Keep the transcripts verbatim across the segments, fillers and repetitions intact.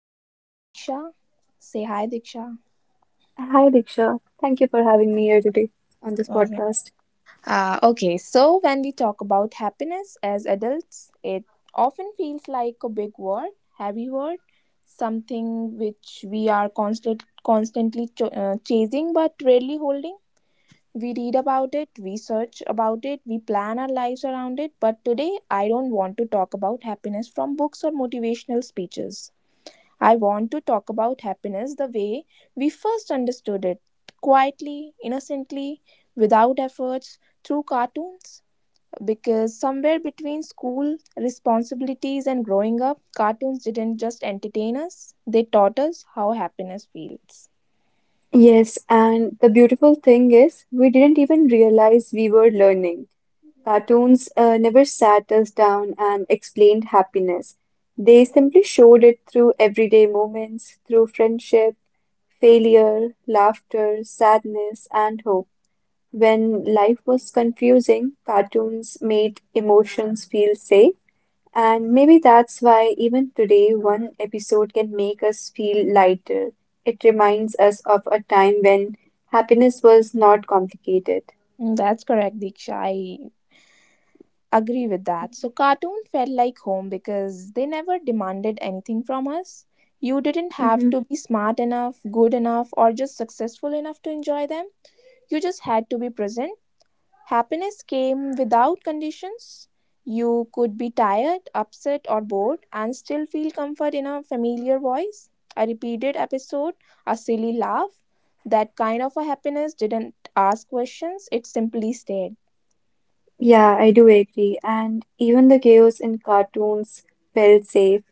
we have Diksha. Say hi, Diksha. Hi, Diksha. Thank you for having me here today on this Okay. podcast. Uh, okay, so when we talk about happiness as adults, it often feels like a big word, heavy word, something which we are constant, constantly ch- uh, chasing but rarely holding. We read about it, we search about it, we plan our lives around it. But today, I don't want to talk about happiness from books or motivational speeches. I want to talk about happiness the way we first understood it quietly, innocently, without efforts, through cartoons. Because somewhere between school responsibilities and growing up, cartoons didn't just entertain us, they taught us how happiness feels. Yes, and the beautiful thing is, we didn't even realize we were learning. Cartoons uh, never sat us down and explained happiness. They simply showed it through everyday moments, through friendship, failure, laughter, sadness, and hope. When life was confusing, cartoons made emotions feel safe. And maybe that's why even today, one episode can make us feel lighter. It reminds us of a time when happiness was not complicated. Mm, that's correct, Diksha. I agree with that. So, cartoon felt like home because they never demanded anything from us. You didn't have Mhm. to be smart enough, good enough, or just successful enough to enjoy them. You just had to be present. Happiness came without conditions. You could be tired, upset, or bored and still feel comfort in a familiar voice, a repeated episode, a silly laugh. That kind of a happiness didn't ask questions, it simply stayed. Yeah, I do agree. And even the chaos in cartoons felt safe.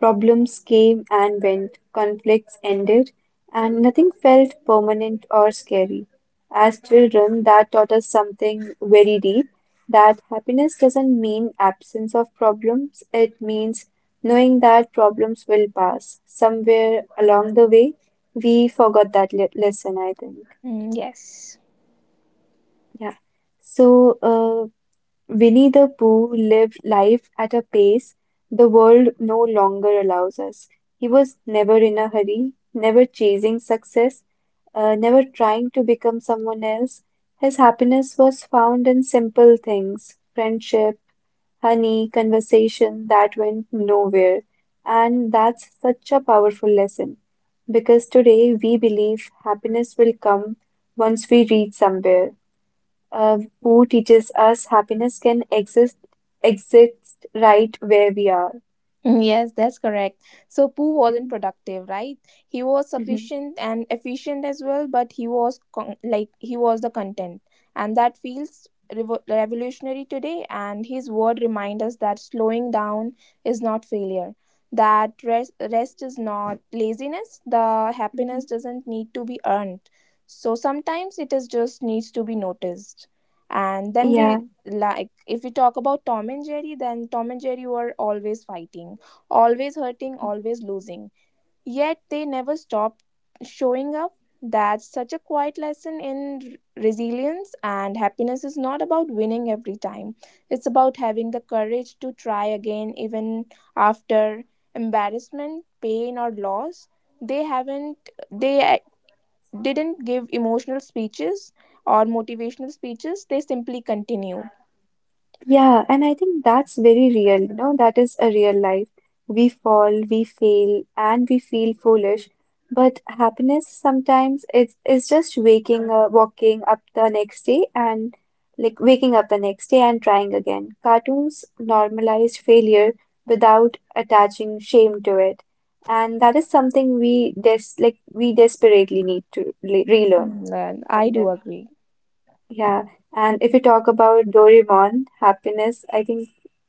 Problems came and went, conflicts ended, and nothing felt permanent or scary. As children, that taught us something very deep, that happiness doesn't mean absence of problems. It means knowing that problems will pass. Somewhere along the way, we forgot that le lesson, I think. Mm, yes. Yeah. So, uh, Winnie the Pooh lived life at a pace the world no longer allows us. He was never in a hurry, never chasing success, uh, never trying to become someone else. His happiness was found in simple things: friendship, honey, conversation that went nowhere. And that's such a powerful lesson, because today we believe happiness will come once we reach somewhere. Uh, who teaches us happiness can exist exist right where we are. Mm, yes, that's correct. So Pooh wasn't Mm-hmm. productive, right? He was sufficient and efficient as well, but he was con- like he was the content, and that feels revo- revolutionary today. And his word reminds us that slowing down is not failure, that rest rest is not laziness. The Hmm. happiness doesn't need to be earned. So sometimes it is just needs to be noticed, and then we Yeah. like if we talk about Tom and Jerry, then Tom and Jerry were always fighting, always hurting, always losing. Yet they never stop showing up. That's such a quiet lesson in r- resilience, and happiness is not about winning every time. It's about having the courage to try again, even after embarrassment, pain, or loss. They haven't, they uh, didn't give emotional speeches or motivational speeches, they simply continued. Yeah, and I think that's very real, you know, that is a real life. We fall, we fail, and we feel foolish. But happiness, sometimes it's it's just waking uh, walking up the next day and like waking up the next day and trying again. Cartoons normalized failure without attaching shame to it. And that is something we des like we desperately need to le- relearn Mm, and I from do them. agree. Yeah, and if we talk about Doraemon, happiness, I think,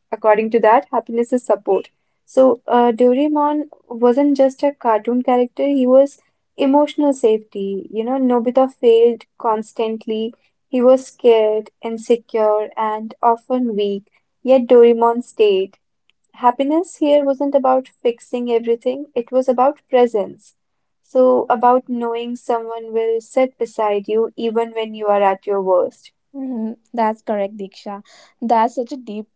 according to that, happiness is support. So, uh, Doraemon wasn't just a cartoon character, he was emotional safety. You know, Nobita failed constantly. He was scared, insecure, and often weak. Yet Doraemon stayed. Happiness here wasn't about fixing everything, it was about presence. So, about knowing someone will sit beside you even when you are at your worst. Mhm, that's correct, Diksha. That's such a deep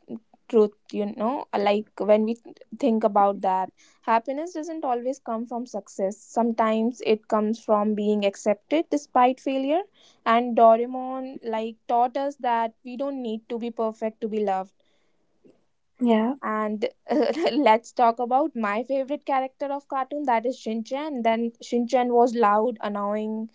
truth, you know. Like when we think about that, happiness doesn't always come from success. Sometimes it comes from being accepted despite failure. And Doraemon like taught us that we don't need to be perfect to be loved. Yeah. And let's talk about my favorite character of cartoon, that is Shinchan. Then Shinchan was loud, annoying,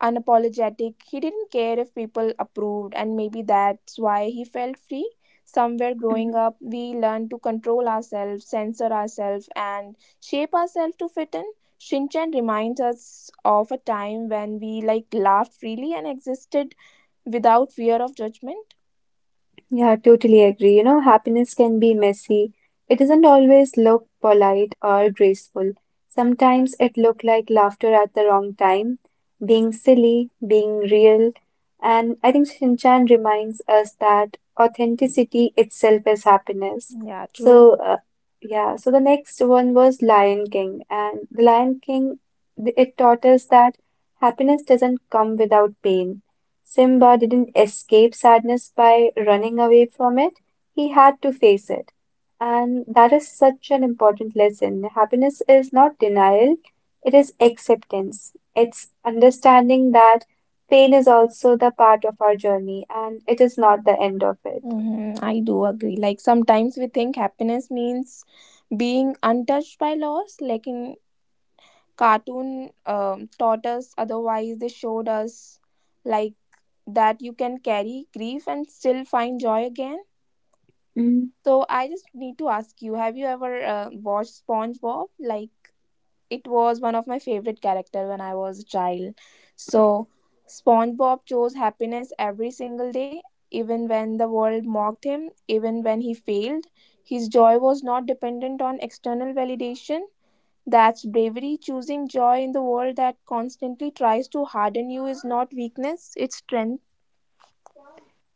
unapologetic. He didn't care if people approved, and maybe that's why he felt free. Somewhere Mhm. growing up, we learn to control ourselves, censor ourselves, and shape ourselves to fit in. Shinchan reminds us of a time when we like laughed freely and existed without fear of judgment. Yeah, totally agree. You know, happiness can be messy. It doesn't always look polite or graceful. Sometimes it look like laughter at the wrong time, being silly, being real. And I think Shinchan reminds us that authenticity itself is happiness. Yeah, true. So, uh, yeah, so the next one was Lion King. And the Lion King, th- it taught us that happiness doesn't come without pain. Simba didn't escape sadness by running away from it. He had to face it. And that is such an important lesson. Happiness is not denial, it is acceptance. It's understanding that pain is also the part of our journey and it is not the end of it. Mm-hmm, I do agree. Like sometimes we think happiness means being untouched by loss, like in cartoon um, taught us otherwise, they showed us like that you can carry grief and still find joy again. Mm, So I just need to ask, you have you ever uh, watched SpongeBob? Like it was one of my favorite character when I was a child. So SpongeBob chose happiness every single day, even when the world mocked him, even when he failed. His joy was not dependent on external validation. That's bravery. Choosing joy in the world that constantly tries to harden you is not weakness, it's strength.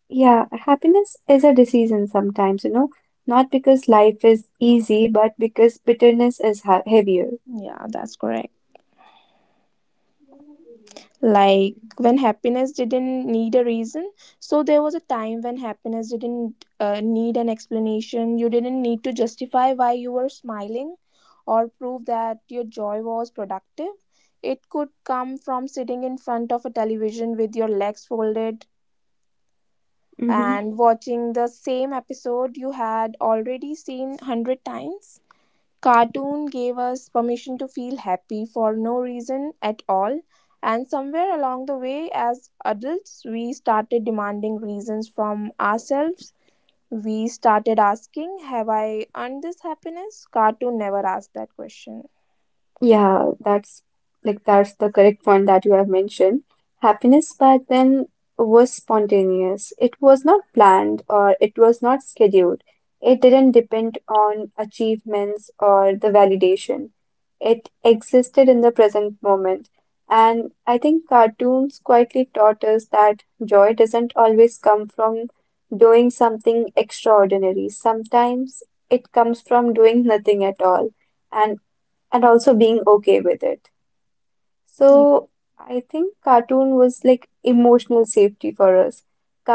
yeah, happiness is a decision sometimes, you know, not because life is easy, but because bitterness is ha heavier. Yeah, that's correct. Like when happiness didn't need a reason. So there was a time when happiness didn't uh, need an explanation. You didn't need to justify why you were smiling or prove that your joy was productive. It could come from sitting in front of a television with your legs folded Hmm. and watching the same episode you had already seen a hundred times. Cartoon gave us permission to feel happy for no reason at all, and somewhere along the way, as adults, we started demanding reasons from ourselves. We started asking, have I earned this happiness? Cartoon never asked that question. Yeah, that's like that's the correct one that you have mentioned. Happiness back then was spontaneous. It was not planned or it was not scheduled. It didn't depend on achievements or the validation. It existed in the present moment. And I think cartoons quietly taught us that joy doesn't always come from doing something extraordinary. Sometimes it comes from doing nothing at all. And and also being okay with it. Yeah. So I think cartoon was like emotional safety for us.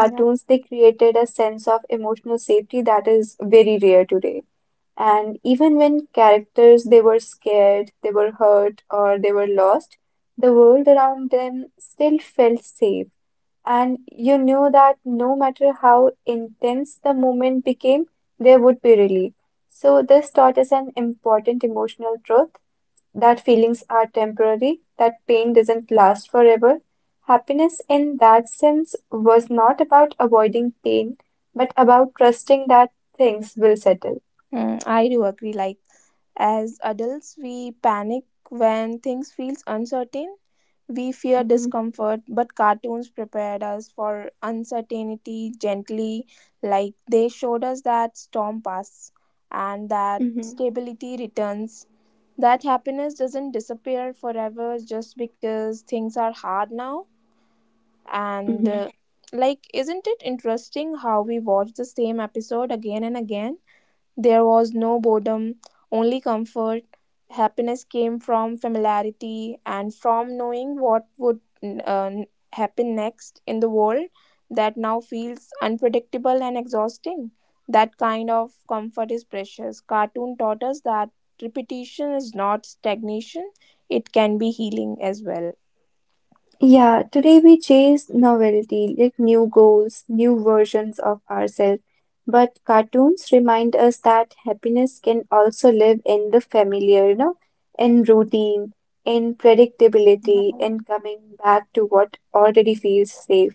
Yeah. they created a sense of emotional safety that is very rare today. And even when characters, they were scared, they were hurt, or they were lost, the world around them still felt safe. And you knew that no matter how intense the moment became, there would be relief. So this taught us an important emotional truth, that feelings are temporary, that pain doesn't last forever. Happiness in that sense was not about avoiding pain, but about trusting that things will settle. Mm, I do agree. Like, as adults, we panic when things feels uncertain. We fear Mhm. discomfort, but cartoons prepared us for uncertainty gently. Like they showed us that storm pass and that Mm-hmm. stability returns. That happiness doesn't disappear forever just because things are hard now. And uh, Like, isn't it interesting how we watch the same episode again and again? There was no boredom, only comfort. Happiness came from familiarity and from knowing what would uh, happen next in the world that now feels unpredictable and exhausting. That kind of comfort is precious. Cartoon taught us that repetition is not stagnation, it can be healing as well. Yeah, today we chase novelty, like new goals, new versions of ourselves. But cartoons remind us that happiness can also live in the familiar, you know, in routine, in predictability, in coming back to what already feels safe.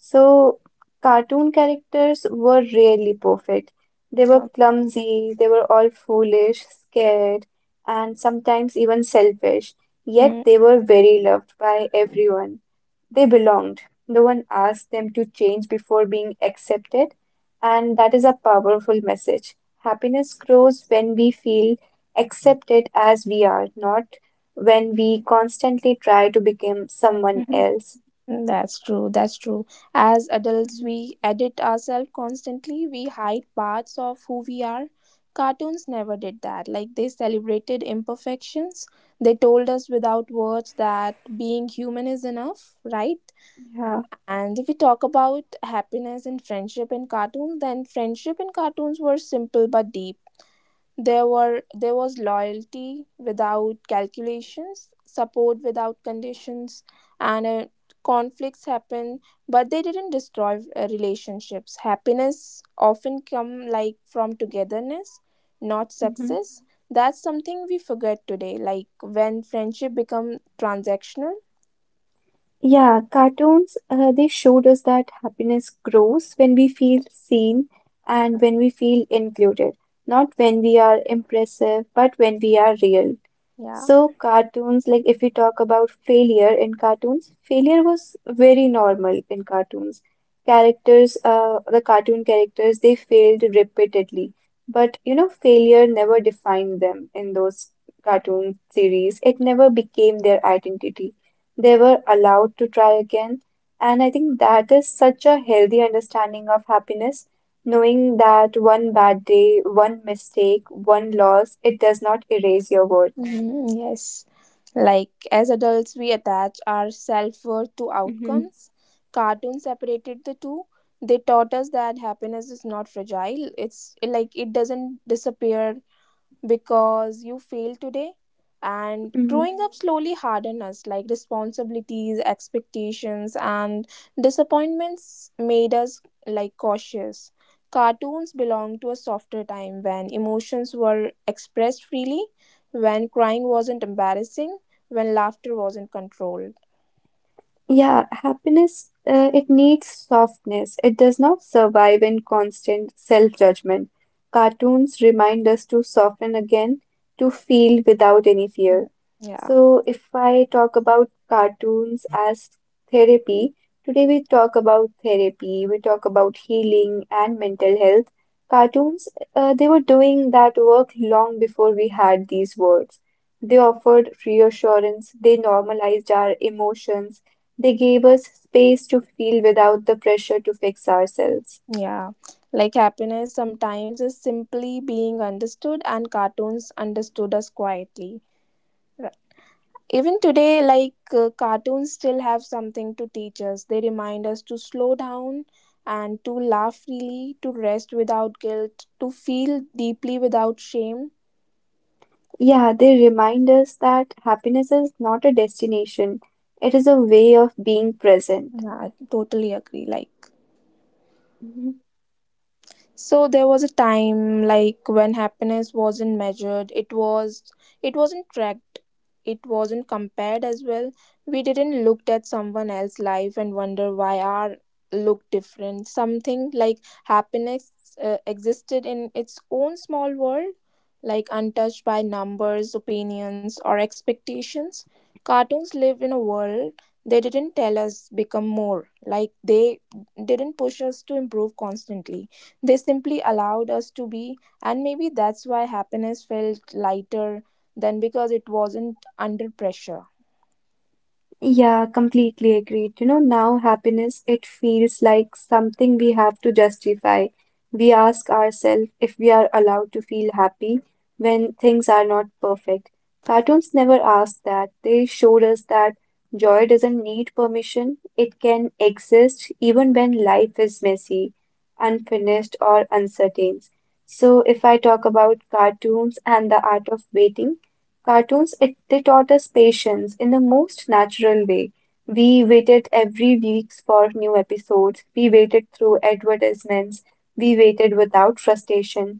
So, cartoon characters were rarely perfect. They were Yeah. clumsy, they were all foolish, scared, and sometimes even selfish. Yet they were very loved by everyone. They belonged. No one asked them to change before being accepted, and that is a powerful message. Happiness grows when we feel accepted as we are, not when we constantly try to become someone Hmm. else. Mm, that's true. That's true. As adults, we edit ourselves constantly. We hide parts of who we are. Cartoons never did that. Like, they celebrated imperfections. They told us without words that being human is enough, right? Yeah. And if we talk about happiness and friendship in cartoons, then friendship in cartoons were simple but deep. There were there was loyalty without calculations, support without conditions, and uh, conflicts happened, but they didn't destroy uh, relationships. Happiness often come like from togetherness, not success. That's something we forget today. Like when friendship become transactional. Yeah, cartoons, uh, they showed us that happiness grows when we feel seen and when we feel included, not when we are impressive, but when we are real. Yeah. So, cartoons, like if we talk about failure in cartoons, failure was very normal in cartoons. Characters, uh, the cartoon characters, they failed repeatedly, but you know, failure never defined them in those cartoon series. It never became their identity. They were allowed to try again. And I think that is such a healthy understanding of happiness, knowing that one bad day, one mistake, one loss, it does not erase your worth. Mhm, yes. Like as adults, we attach our self worth to Mm-hmm. outcomes. Cartoons separated the two. They taught us that happiness is not fragile. It's like it doesn't disappear because you failed today. And growing up slowly hardened us, like responsibilities, expectations, and disappointments made us like cautious. Cartoons belong to a softer time when emotions were expressed freely, when crying wasn't embarrassing, when laughter wasn't controlled. Yeah, happiness, uh, it needs softness. It does not survive in constant self-judgment. Cartoons remind us to soften again, to feel without any fear. Mm. Yeah, So, if I talk about cartoons as therapy, today we talk about therapy, we talk about healing and mental health. Cartoons, uh, they were doing that work long before we had these words. They offered reassurance, they normalized our emotions, they gave us space to feel without the pressure to fix ourselves. yeah. Like happiness sometimes is simply being understood, and cartoons understood us quietly. Even today, like uh, cartoons still have something to teach us. They remind us to slow down and to laugh freely, to rest without guilt, to feel deeply without shame. Yeah, they remind us that happiness is not a destination, it is a way of being present. Yeah, I totally agree. Like so there was a time like when happiness wasn't measured, it was it wasn't tracked, it wasn't compared as well. We didn't looked at someone else's life and wonder why our looked different. Something like happiness uh, existed in its own small world, like untouched by numbers, opinions or expectations. Cartoons lived in a world, they didn't tell us become more, like they didn't push us to improve constantly, they simply allowed us to be, and maybe that's why happiness felt lighter than because it wasn't under pressure. Yeah, completely agreed. You know, now happiness, it feels like something we have to justify. We ask ourselves if we are allowed to feel happy when things are not perfect. Cartoons never asked that. They showed us that joy doesn't need permission, it can exist even when life is messy, unfinished, or uncertain. So, if I talk about cartoons and the art of waiting, cartoons, it, they taught us patience in the most natural way. We waited every week for new episodes. We waited through advertisements. We waited without frustration.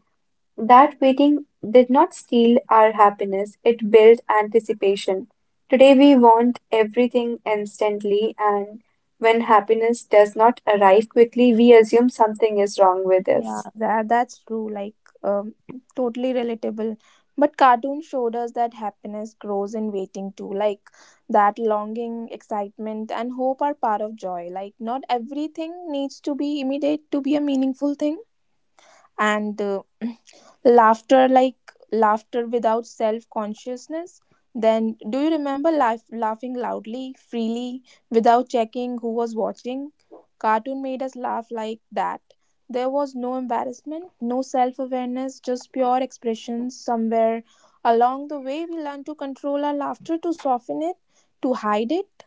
That waiting did not steal our happiness, it built anticipation. Today we want everything instantly, and when happiness does not arrive quickly, we assume something is wrong with Yeah, us. that that's true. Like, um, totally relatable. But cartoon showed us that happiness grows in waiting too. Like that longing, excitement, and hope are part of joy. Like not everything needs to be immediate to be a meaningful thing. And uh, Laughter, like laughter without self consciousness. Then do you remember laugh, laughing loudly, freely, without checking who was watching? Cartoon made us laugh like that. There was no embarrassment, no self awareness, just pure expression. Somewhere along the way we learned to control our laughter, to soften it, to hide it.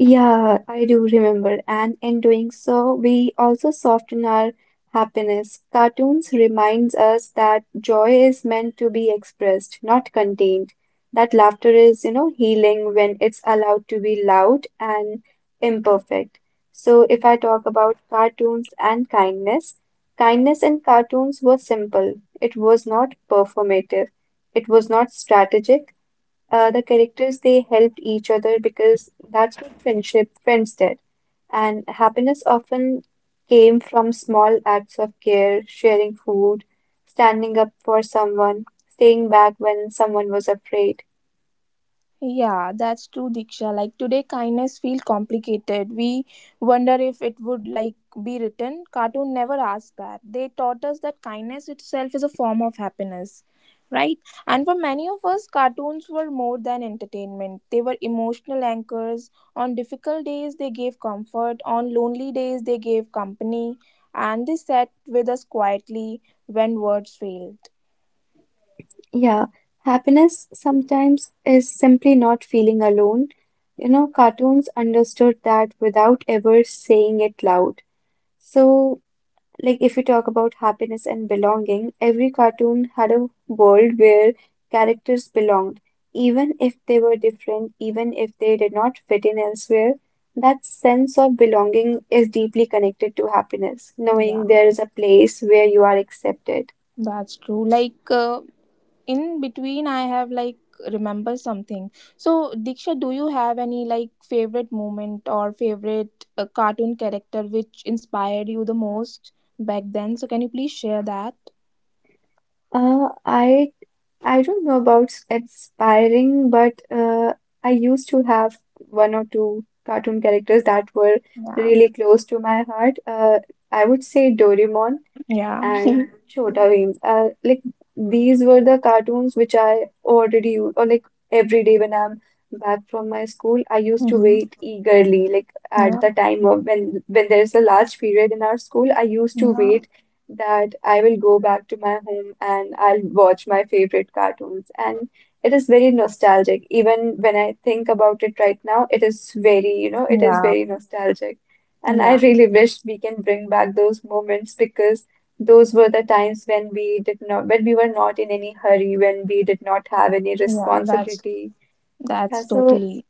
Yeah, I do remember. And in doing so, we also soften our happiness. Cartoons reminds us that joy is meant to be expressed, not contained. That laughter is, you know, healing when it's allowed to be loud and imperfect. So if I talk about cartoons and kindness, kindness in cartoons was simple. It was not performative. It was not strategic. Uh, the characters, they helped each other because that's what friendship friends did, and happiness often came from small acts of care: sharing food, standing up for someone, staying back when someone was afraid. Yeah, that's true, Diksha. Like today, kindness feel complicated. We wonder if it would like be written. Cartoon never asked that. They taught us that kindness itself is a form of happiness, right? And for many of us, cartoons were more than entertainment. They were emotional anchors. On difficult days, they gave comfort. On lonely days, they gave company, and they sat with us quietly when words failed. Yeah, happiness sometimes is simply not feeling alone. You know, cartoons understood that without ever saying it loud. So, like, if we talk about happiness and belonging, every cartoon had a world where characters belonged, even if they were different, even if they did not fit in elsewhere. That sense of belonging is deeply connected to happiness, Yeah, knowing there is a place where you are accepted. that's true. Like uh, in between I have like remember something. So Diksha, do you have any like favorite moment or favorite uh, cartoon character which inspired you the most back then? So can you please share that? Uh, I I don't know about s- inspiring, but uh, I used to have one or two cartoon characters that were Yeah. really close to my heart. Uh, I would say Doraemon. Yeah. And Chhota Bheem. Uh, like, these were the cartoons which I already use, or like every day when I'm back from my school, I used to Mm-hmm. wait eagerly. Like at the Yeah. time of when when there is a large period in our school, I used to Yeah. wait that I will go back to my home and I'll watch my favorite cartoons. And it is very nostalgic. Even when I think about it right now, it is very, you know, it is Yeah. very nostalgic. And I Yeah. really wish we can bring back those moments, because those were the times when we did not, when we were not in any hurry, when we did not have any Yeah, that's responsibility. Yeah, that's so totally.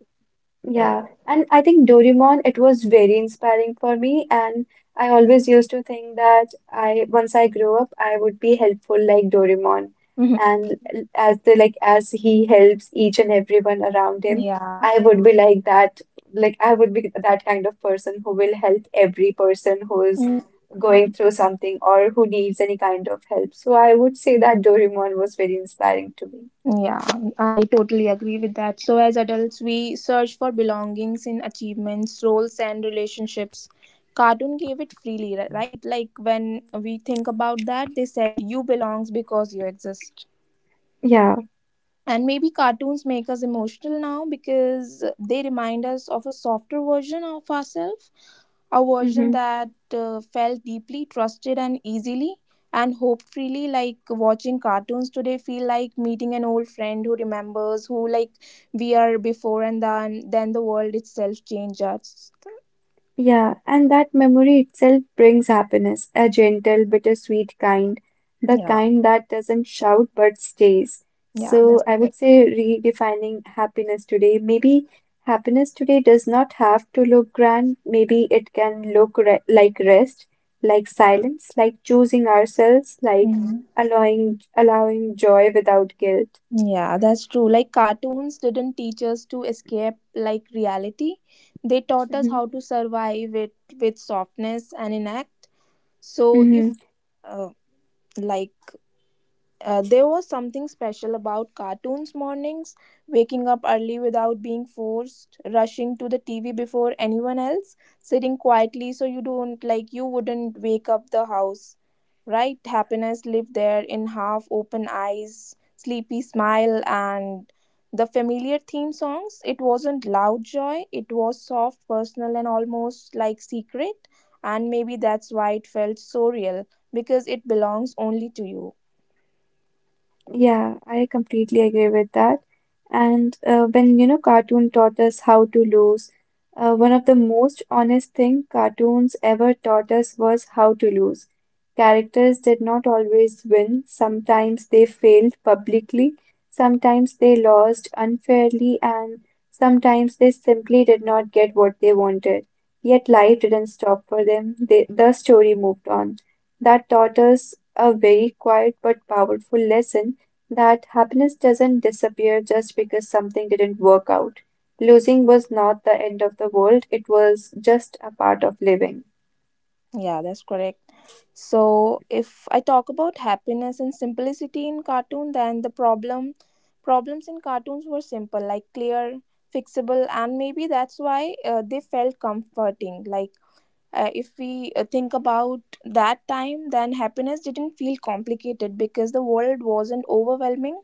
yeah, and I think Doraemon, it was very inspiring for me, and I always used to think that I, once I grow up, I would be helpful like Doraemon, Mhm. and l- as the like as he helps each and everyone around him, Yeah. I would be like that, like I would be that kind of person who will help every person who is going through something or who needs any kind of help. So I would say that Doraemon was very inspiring to me. Yeah, I totally agree with that. So, as adults, we search for belongings in achievements, roles, and relationships. Cartoon gave it freely, ri- right? Like when we think about that, they said you belongs because you exist, Yeah. and maybe cartoons make us emotional now because they remind us of a softer version of ourselves, a version Hmm. that uh, felt deeply, trusted and easily and hoped freely. Like watching cartoons today feel like meeting an old friend who remembers who like we are before and then then the world itself changes. Yeah, and that memory itself brings happiness, a gentle, bittersweet kind, the Yeah. kind that doesn't shout but stays. Yeah, So that's. I would say redefining happiness today. Maybe happiness today does not have to look grand. Maybe it can look re like rest, like silence, like choosing ourselves, like Mm-hmm. allowing allowing joy without guilt. Yeah, that's true. Like cartoons didn't teach us to escape like reality. They taught us Mm-hmm. how to survive it with softness and enact. So if Mm-hmm. uh, like uh, there was something special about cartoons mornings, waking up early without being forced, rushing to the T V before anyone else, sitting quietly so you don't like you wouldn't wake up the house. Right? Happiness lived there in half open eyes, sleepy smile, and the familiar theme songs. It wasn't loud joy, it was soft, personal, and almost like secret. And maybe that's why it felt so real because it belongs only to you. Yeah, I completely agree with that. And uh, when you know cartoon taught us how to lose, uh, One of the most honest thing cartoons ever taught us was how to lose. Characters did not always win. Sometimes they failed publicly, sometimes they lost unfairly, and sometimes they simply did not get what they wanted. Yet life didn't stop for them. They, the story moved on. That taught us a very quiet but powerful lesson that happiness doesn't disappear just because something didn't work out. Losing was not the end of the world, it was just a part of living. Yeah, that's correct. So, if I talk about happiness and simplicity in cartoon, then the problem problems in cartoons were simple, like clear, fixable, and maybe that's why uh, they felt comforting. Like uh, if we uh, think about that time, then happiness didn't feel complicated because the world wasn't overwhelming.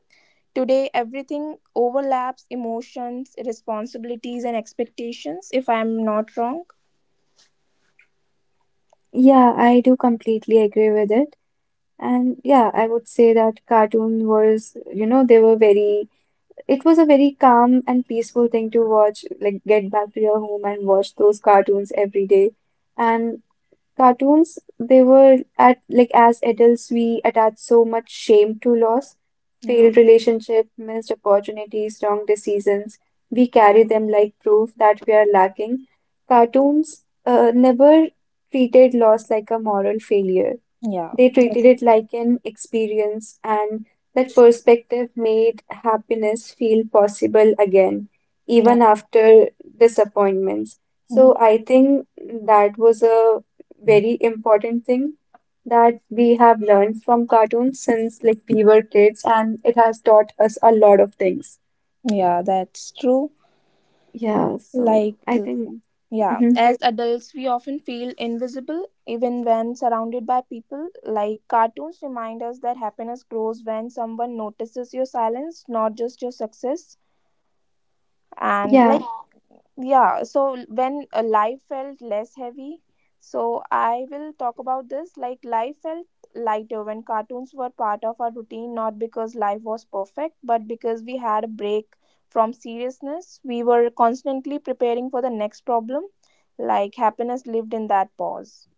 Today, everything overlaps emotions, responsibilities, and expectations. If I'm not wrong, Yeah, I do completely agree with it. And yeah, I would say that cartoon was, you know, they were very, it was a very calm and peaceful thing to watch, like get back to your home and watch those cartoons every day. And cartoons they were at like as adults we attach so much shame to loss, yeah, failed relationship, missed opportunities, wrong decisions. We carry them like proof that we are lacking. Cartoons uh, never treated loss like a moral failure. yeah, They treated that's, it like an experience, and that perspective made happiness feel possible again, yeah. even after disappointments. So I think that was a very important thing that we have learned from cartoons since like we were kids, and it has taught us a lot of things. Yeah, that's true. Yeah, so Like, I think, yeah, mhm. as adults, we often feel invisible even when surrounded by people. Like, cartoons remind us that happiness grows when someone notices your silence, not just your success. And, Yeah. like, yeah, so when uh, life felt less heavy, so I will talk about this like life felt lighter when cartoons were part of our routine, not because life was perfect but because we had a break from seriousness. We were constantly preparing for the next problem. Like happiness lived in that pause.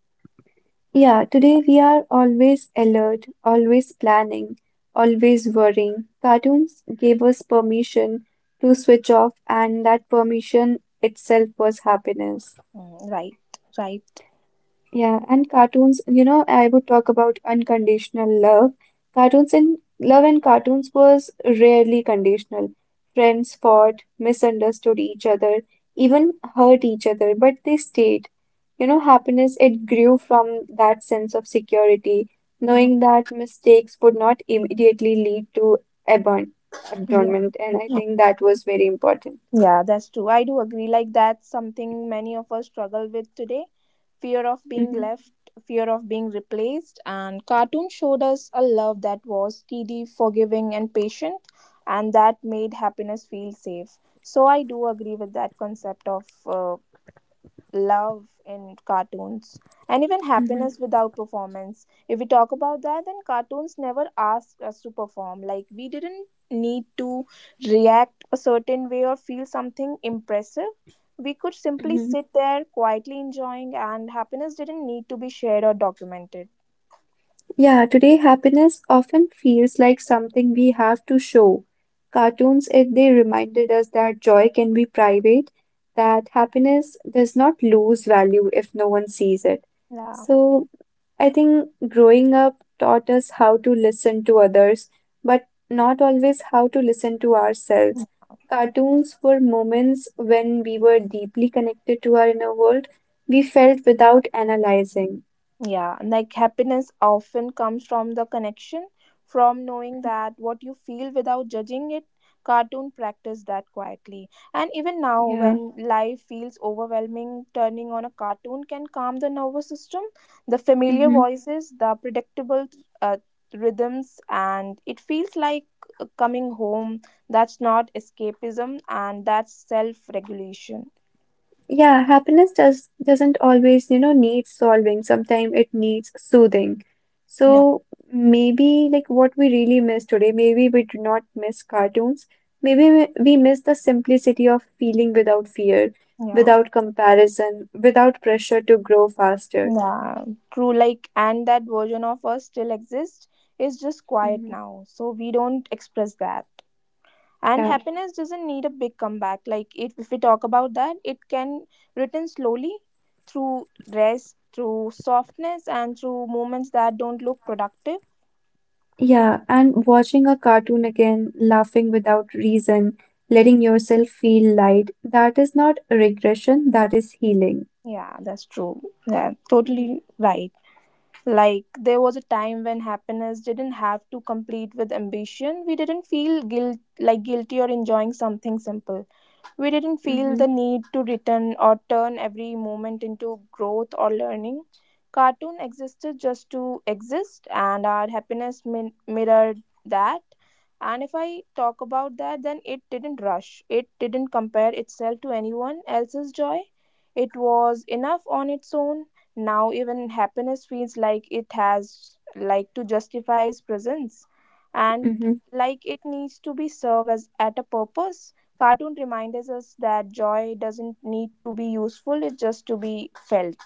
Yeah, today we are always alert, always planning, always worrying. Cartoons gave us permission to switch off, and that permission itself was happiness. Mm, right. Right. Yeah, and cartoons, you know, I would talk about unconditional love. Cartoons and love in cartoons was rarely conditional. Friends fought, misunderstood each other, even hurt each other, but they stayed. You know, happiness, it grew from that sense of security, Mhm. knowing that mistakes would not immediately lead to abon Yeah, abandonment, and I think that was very important. yeah that's true. I do agree, like that's something many of us struggle with today. Fear of being Hmm. left, fear of being replaced, and cartoon showed us a love that was steady, forgiving, and patient, and that made happiness feel safe. So I do agree with that concept of uh, love in cartoons. And even Mm-hmm. happiness without performance, if we talk about that, then cartoons never asked us to perform. Like, we didn't need to react a certain way or feel something impressive. We could simply sit there quietly enjoying, and happiness didn't need to be shared or documented. Yeah, today happiness often feels like something we have to show. Cartoons, if they reminded us that joy can be private, that happiness does not lose value if no one sees it. Yeah. So I think growing up taught us how to listen to others, but not always how to listen to ourselves. Cartoons were moments when we were deeply connected to our inner world. We felt without analyzing. Yeah, like happiness often comes from the connection, from knowing that what you feel without judging it. Cartoon practice that quietly. And even now, Yeah. when life feels overwhelming, turning on a cartoon can calm the nervous system. The familiar Mm-hmm. voices, the predictable uh, rhythms, and it feels like uh, coming home. That's not escapism, and that's self regulation. Yeah, happiness does doesn't always, you know, need solving. Sometimes it needs soothing. Yeah. So maybe like what we really miss today, maybe we do not miss cartoons. Maybe we we miss the simplicity of feeling without fear, Yeah. without comparison, without pressure to grow faster. Yeah, true. Like, and that version of us still exists. It's just quiet Hmm. now, so we don't express that. And Yeah, happiness doesn't need a big comeback. Like, if, if we talk about that, it can return slowly through rest, through softness, and through moments that don't look productive. yeah, and watching a cartoon again, laughing without reason, Mhm. letting yourself feel light, that is not regression, that is healing. Yeah, that's true. Yeah, Hmm. totally right. Like, there was a time when happiness didn't have to compete with ambition. We didn't feel guilt, like guilty or enjoying something simple. We didn't feel Mm-hmm, the need to return or turn every moment into growth or learning. Cartoon existed just to exist, and our happiness min- mirrored that. And if I talk about that, then it didn't rush, it didn't compare itself to anyone else's joy. It was enough on its own. Now, even happiness feels like it has, like, to justify its presence. And mm-hmm. like it needs to be served as at a purpose. Cartoon reminds us that joy doesn't need to be useful, it's just to be felt.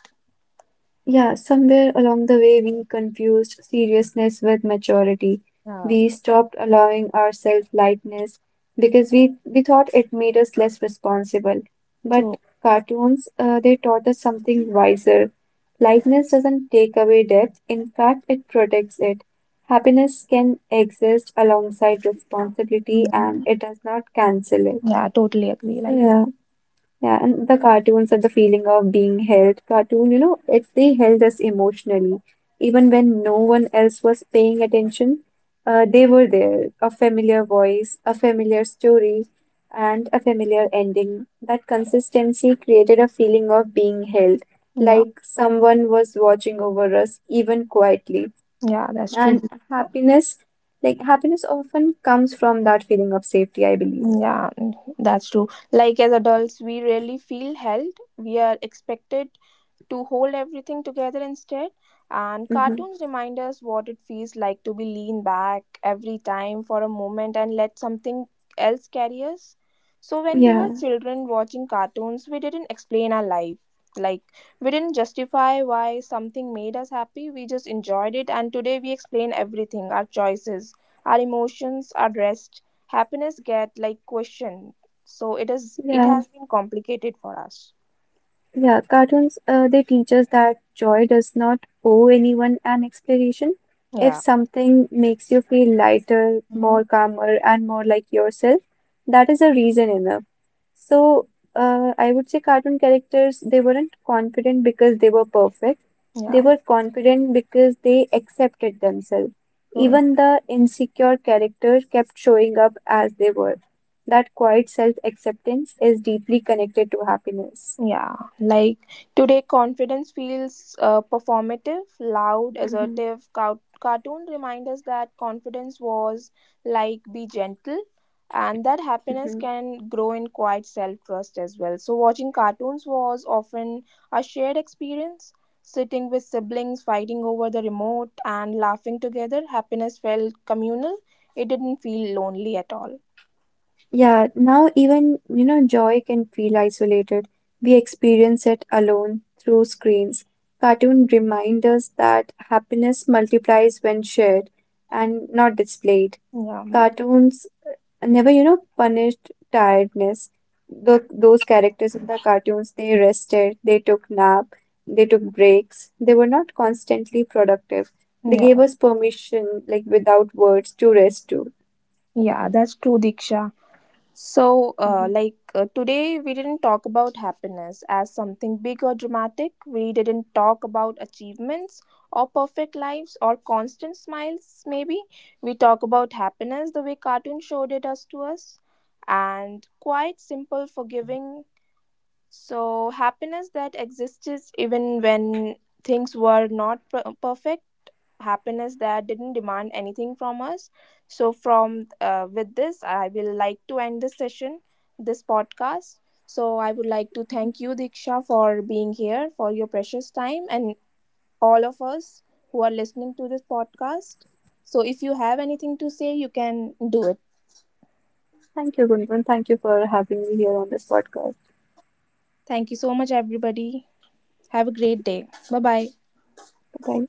Yeah, somewhere along the way, we confused seriousness with maturity. Yeah, We stopped allowing ourselves lightness because we, we thought it made us less responsible. But true. cartoons, uh, they taught us something wiser. Lightness doesn't take away depth, in fact, it protects it. Happiness can exist alongside responsibility Yeah, and it does not cancel it. yeah, totally agree. So, Like, yeah. Yeah, and the cartoons and the feeling of being held. Cartoon, you know, it they held us emotionally. Even when no one else was paying attention, uh, they were there. A familiar voice, a familiar story, and a familiar ending. That consistency created a feeling of being held, yeah, like someone was watching over us, even quietly. yeah, that's true. And happiness, like happiness often comes from that feeling of safety, I believe. Yeah, that's true. Like, as adults, we rarely feel held. We are expected to hold everything together instead. And Hmm. cartoons remind us what it feels like to be lean back every time for a moment and let something else carry us. So when we Yeah, were children watching cartoons, we didn't explain our life. Like, we didn't justify why something made us happy. We just enjoyed it, and today we explain everything, our choices, our emotions, our rest. Happiness get like questioned. So it is it yeah. has been complicated for us. Yeah, cartoons, uh, they teach us that joy does not owe anyone an explanation. If Yeah. something makes you feel lighter, more Mhm. calmer, and more like yourself, that is a reason enough. So, uh, I would say cartoon characters, they weren't confident because they were perfect. They Yeah. were confident because they accepted themselves. So, Even the insecure characters kept showing up as they were. That quiet self-acceptance is deeply connected to happiness. yeah, like today, confidence feels uh, performative, loud, Mhm. assertive. Cow- cartoon remind us that confidence was like be gentle, and that happiness Mhm. can grow in quiet self trust as well. So, watching cartoons was often a shared experience. Sitting with siblings, fighting over the remote, and laughing together, happiness felt communal. It didn't feel lonely at all. Yeah, now even, you know, joy can feel isolated. We experience it alone through screens. Cartoon remind us that happiness multiplies when shared and not displayed. Yeah, Cartoons never, you know, punished tiredness. The, those characters in the cartoons, they rested, they took nap, they took breaks. They were not constantly productive. They yeah, gave us permission, like without words, to rest too. yeah, that's true, Diksha. So, uh, like uh, today, we didn't talk about happiness as something big or dramatic. We didn't talk about achievements or perfect lives or constant smiles, maybe. We talk about happiness the way cartoon showed it us to us, and quite simple, forgiving. So, happiness that exists even when things were not per- perfect, happiness that didn't demand anything from us. So from uh, with this I will like to end this session, this podcast. So I would like to thank you, Diksha, for being here for your precious time, and all of us who are listening to this podcast. So if you have anything to say, you can do it. Thank you, Gunjan. Thank you for having me here on this podcast. Thank you so much, everybody. Have a great day. Bye bye. Bye.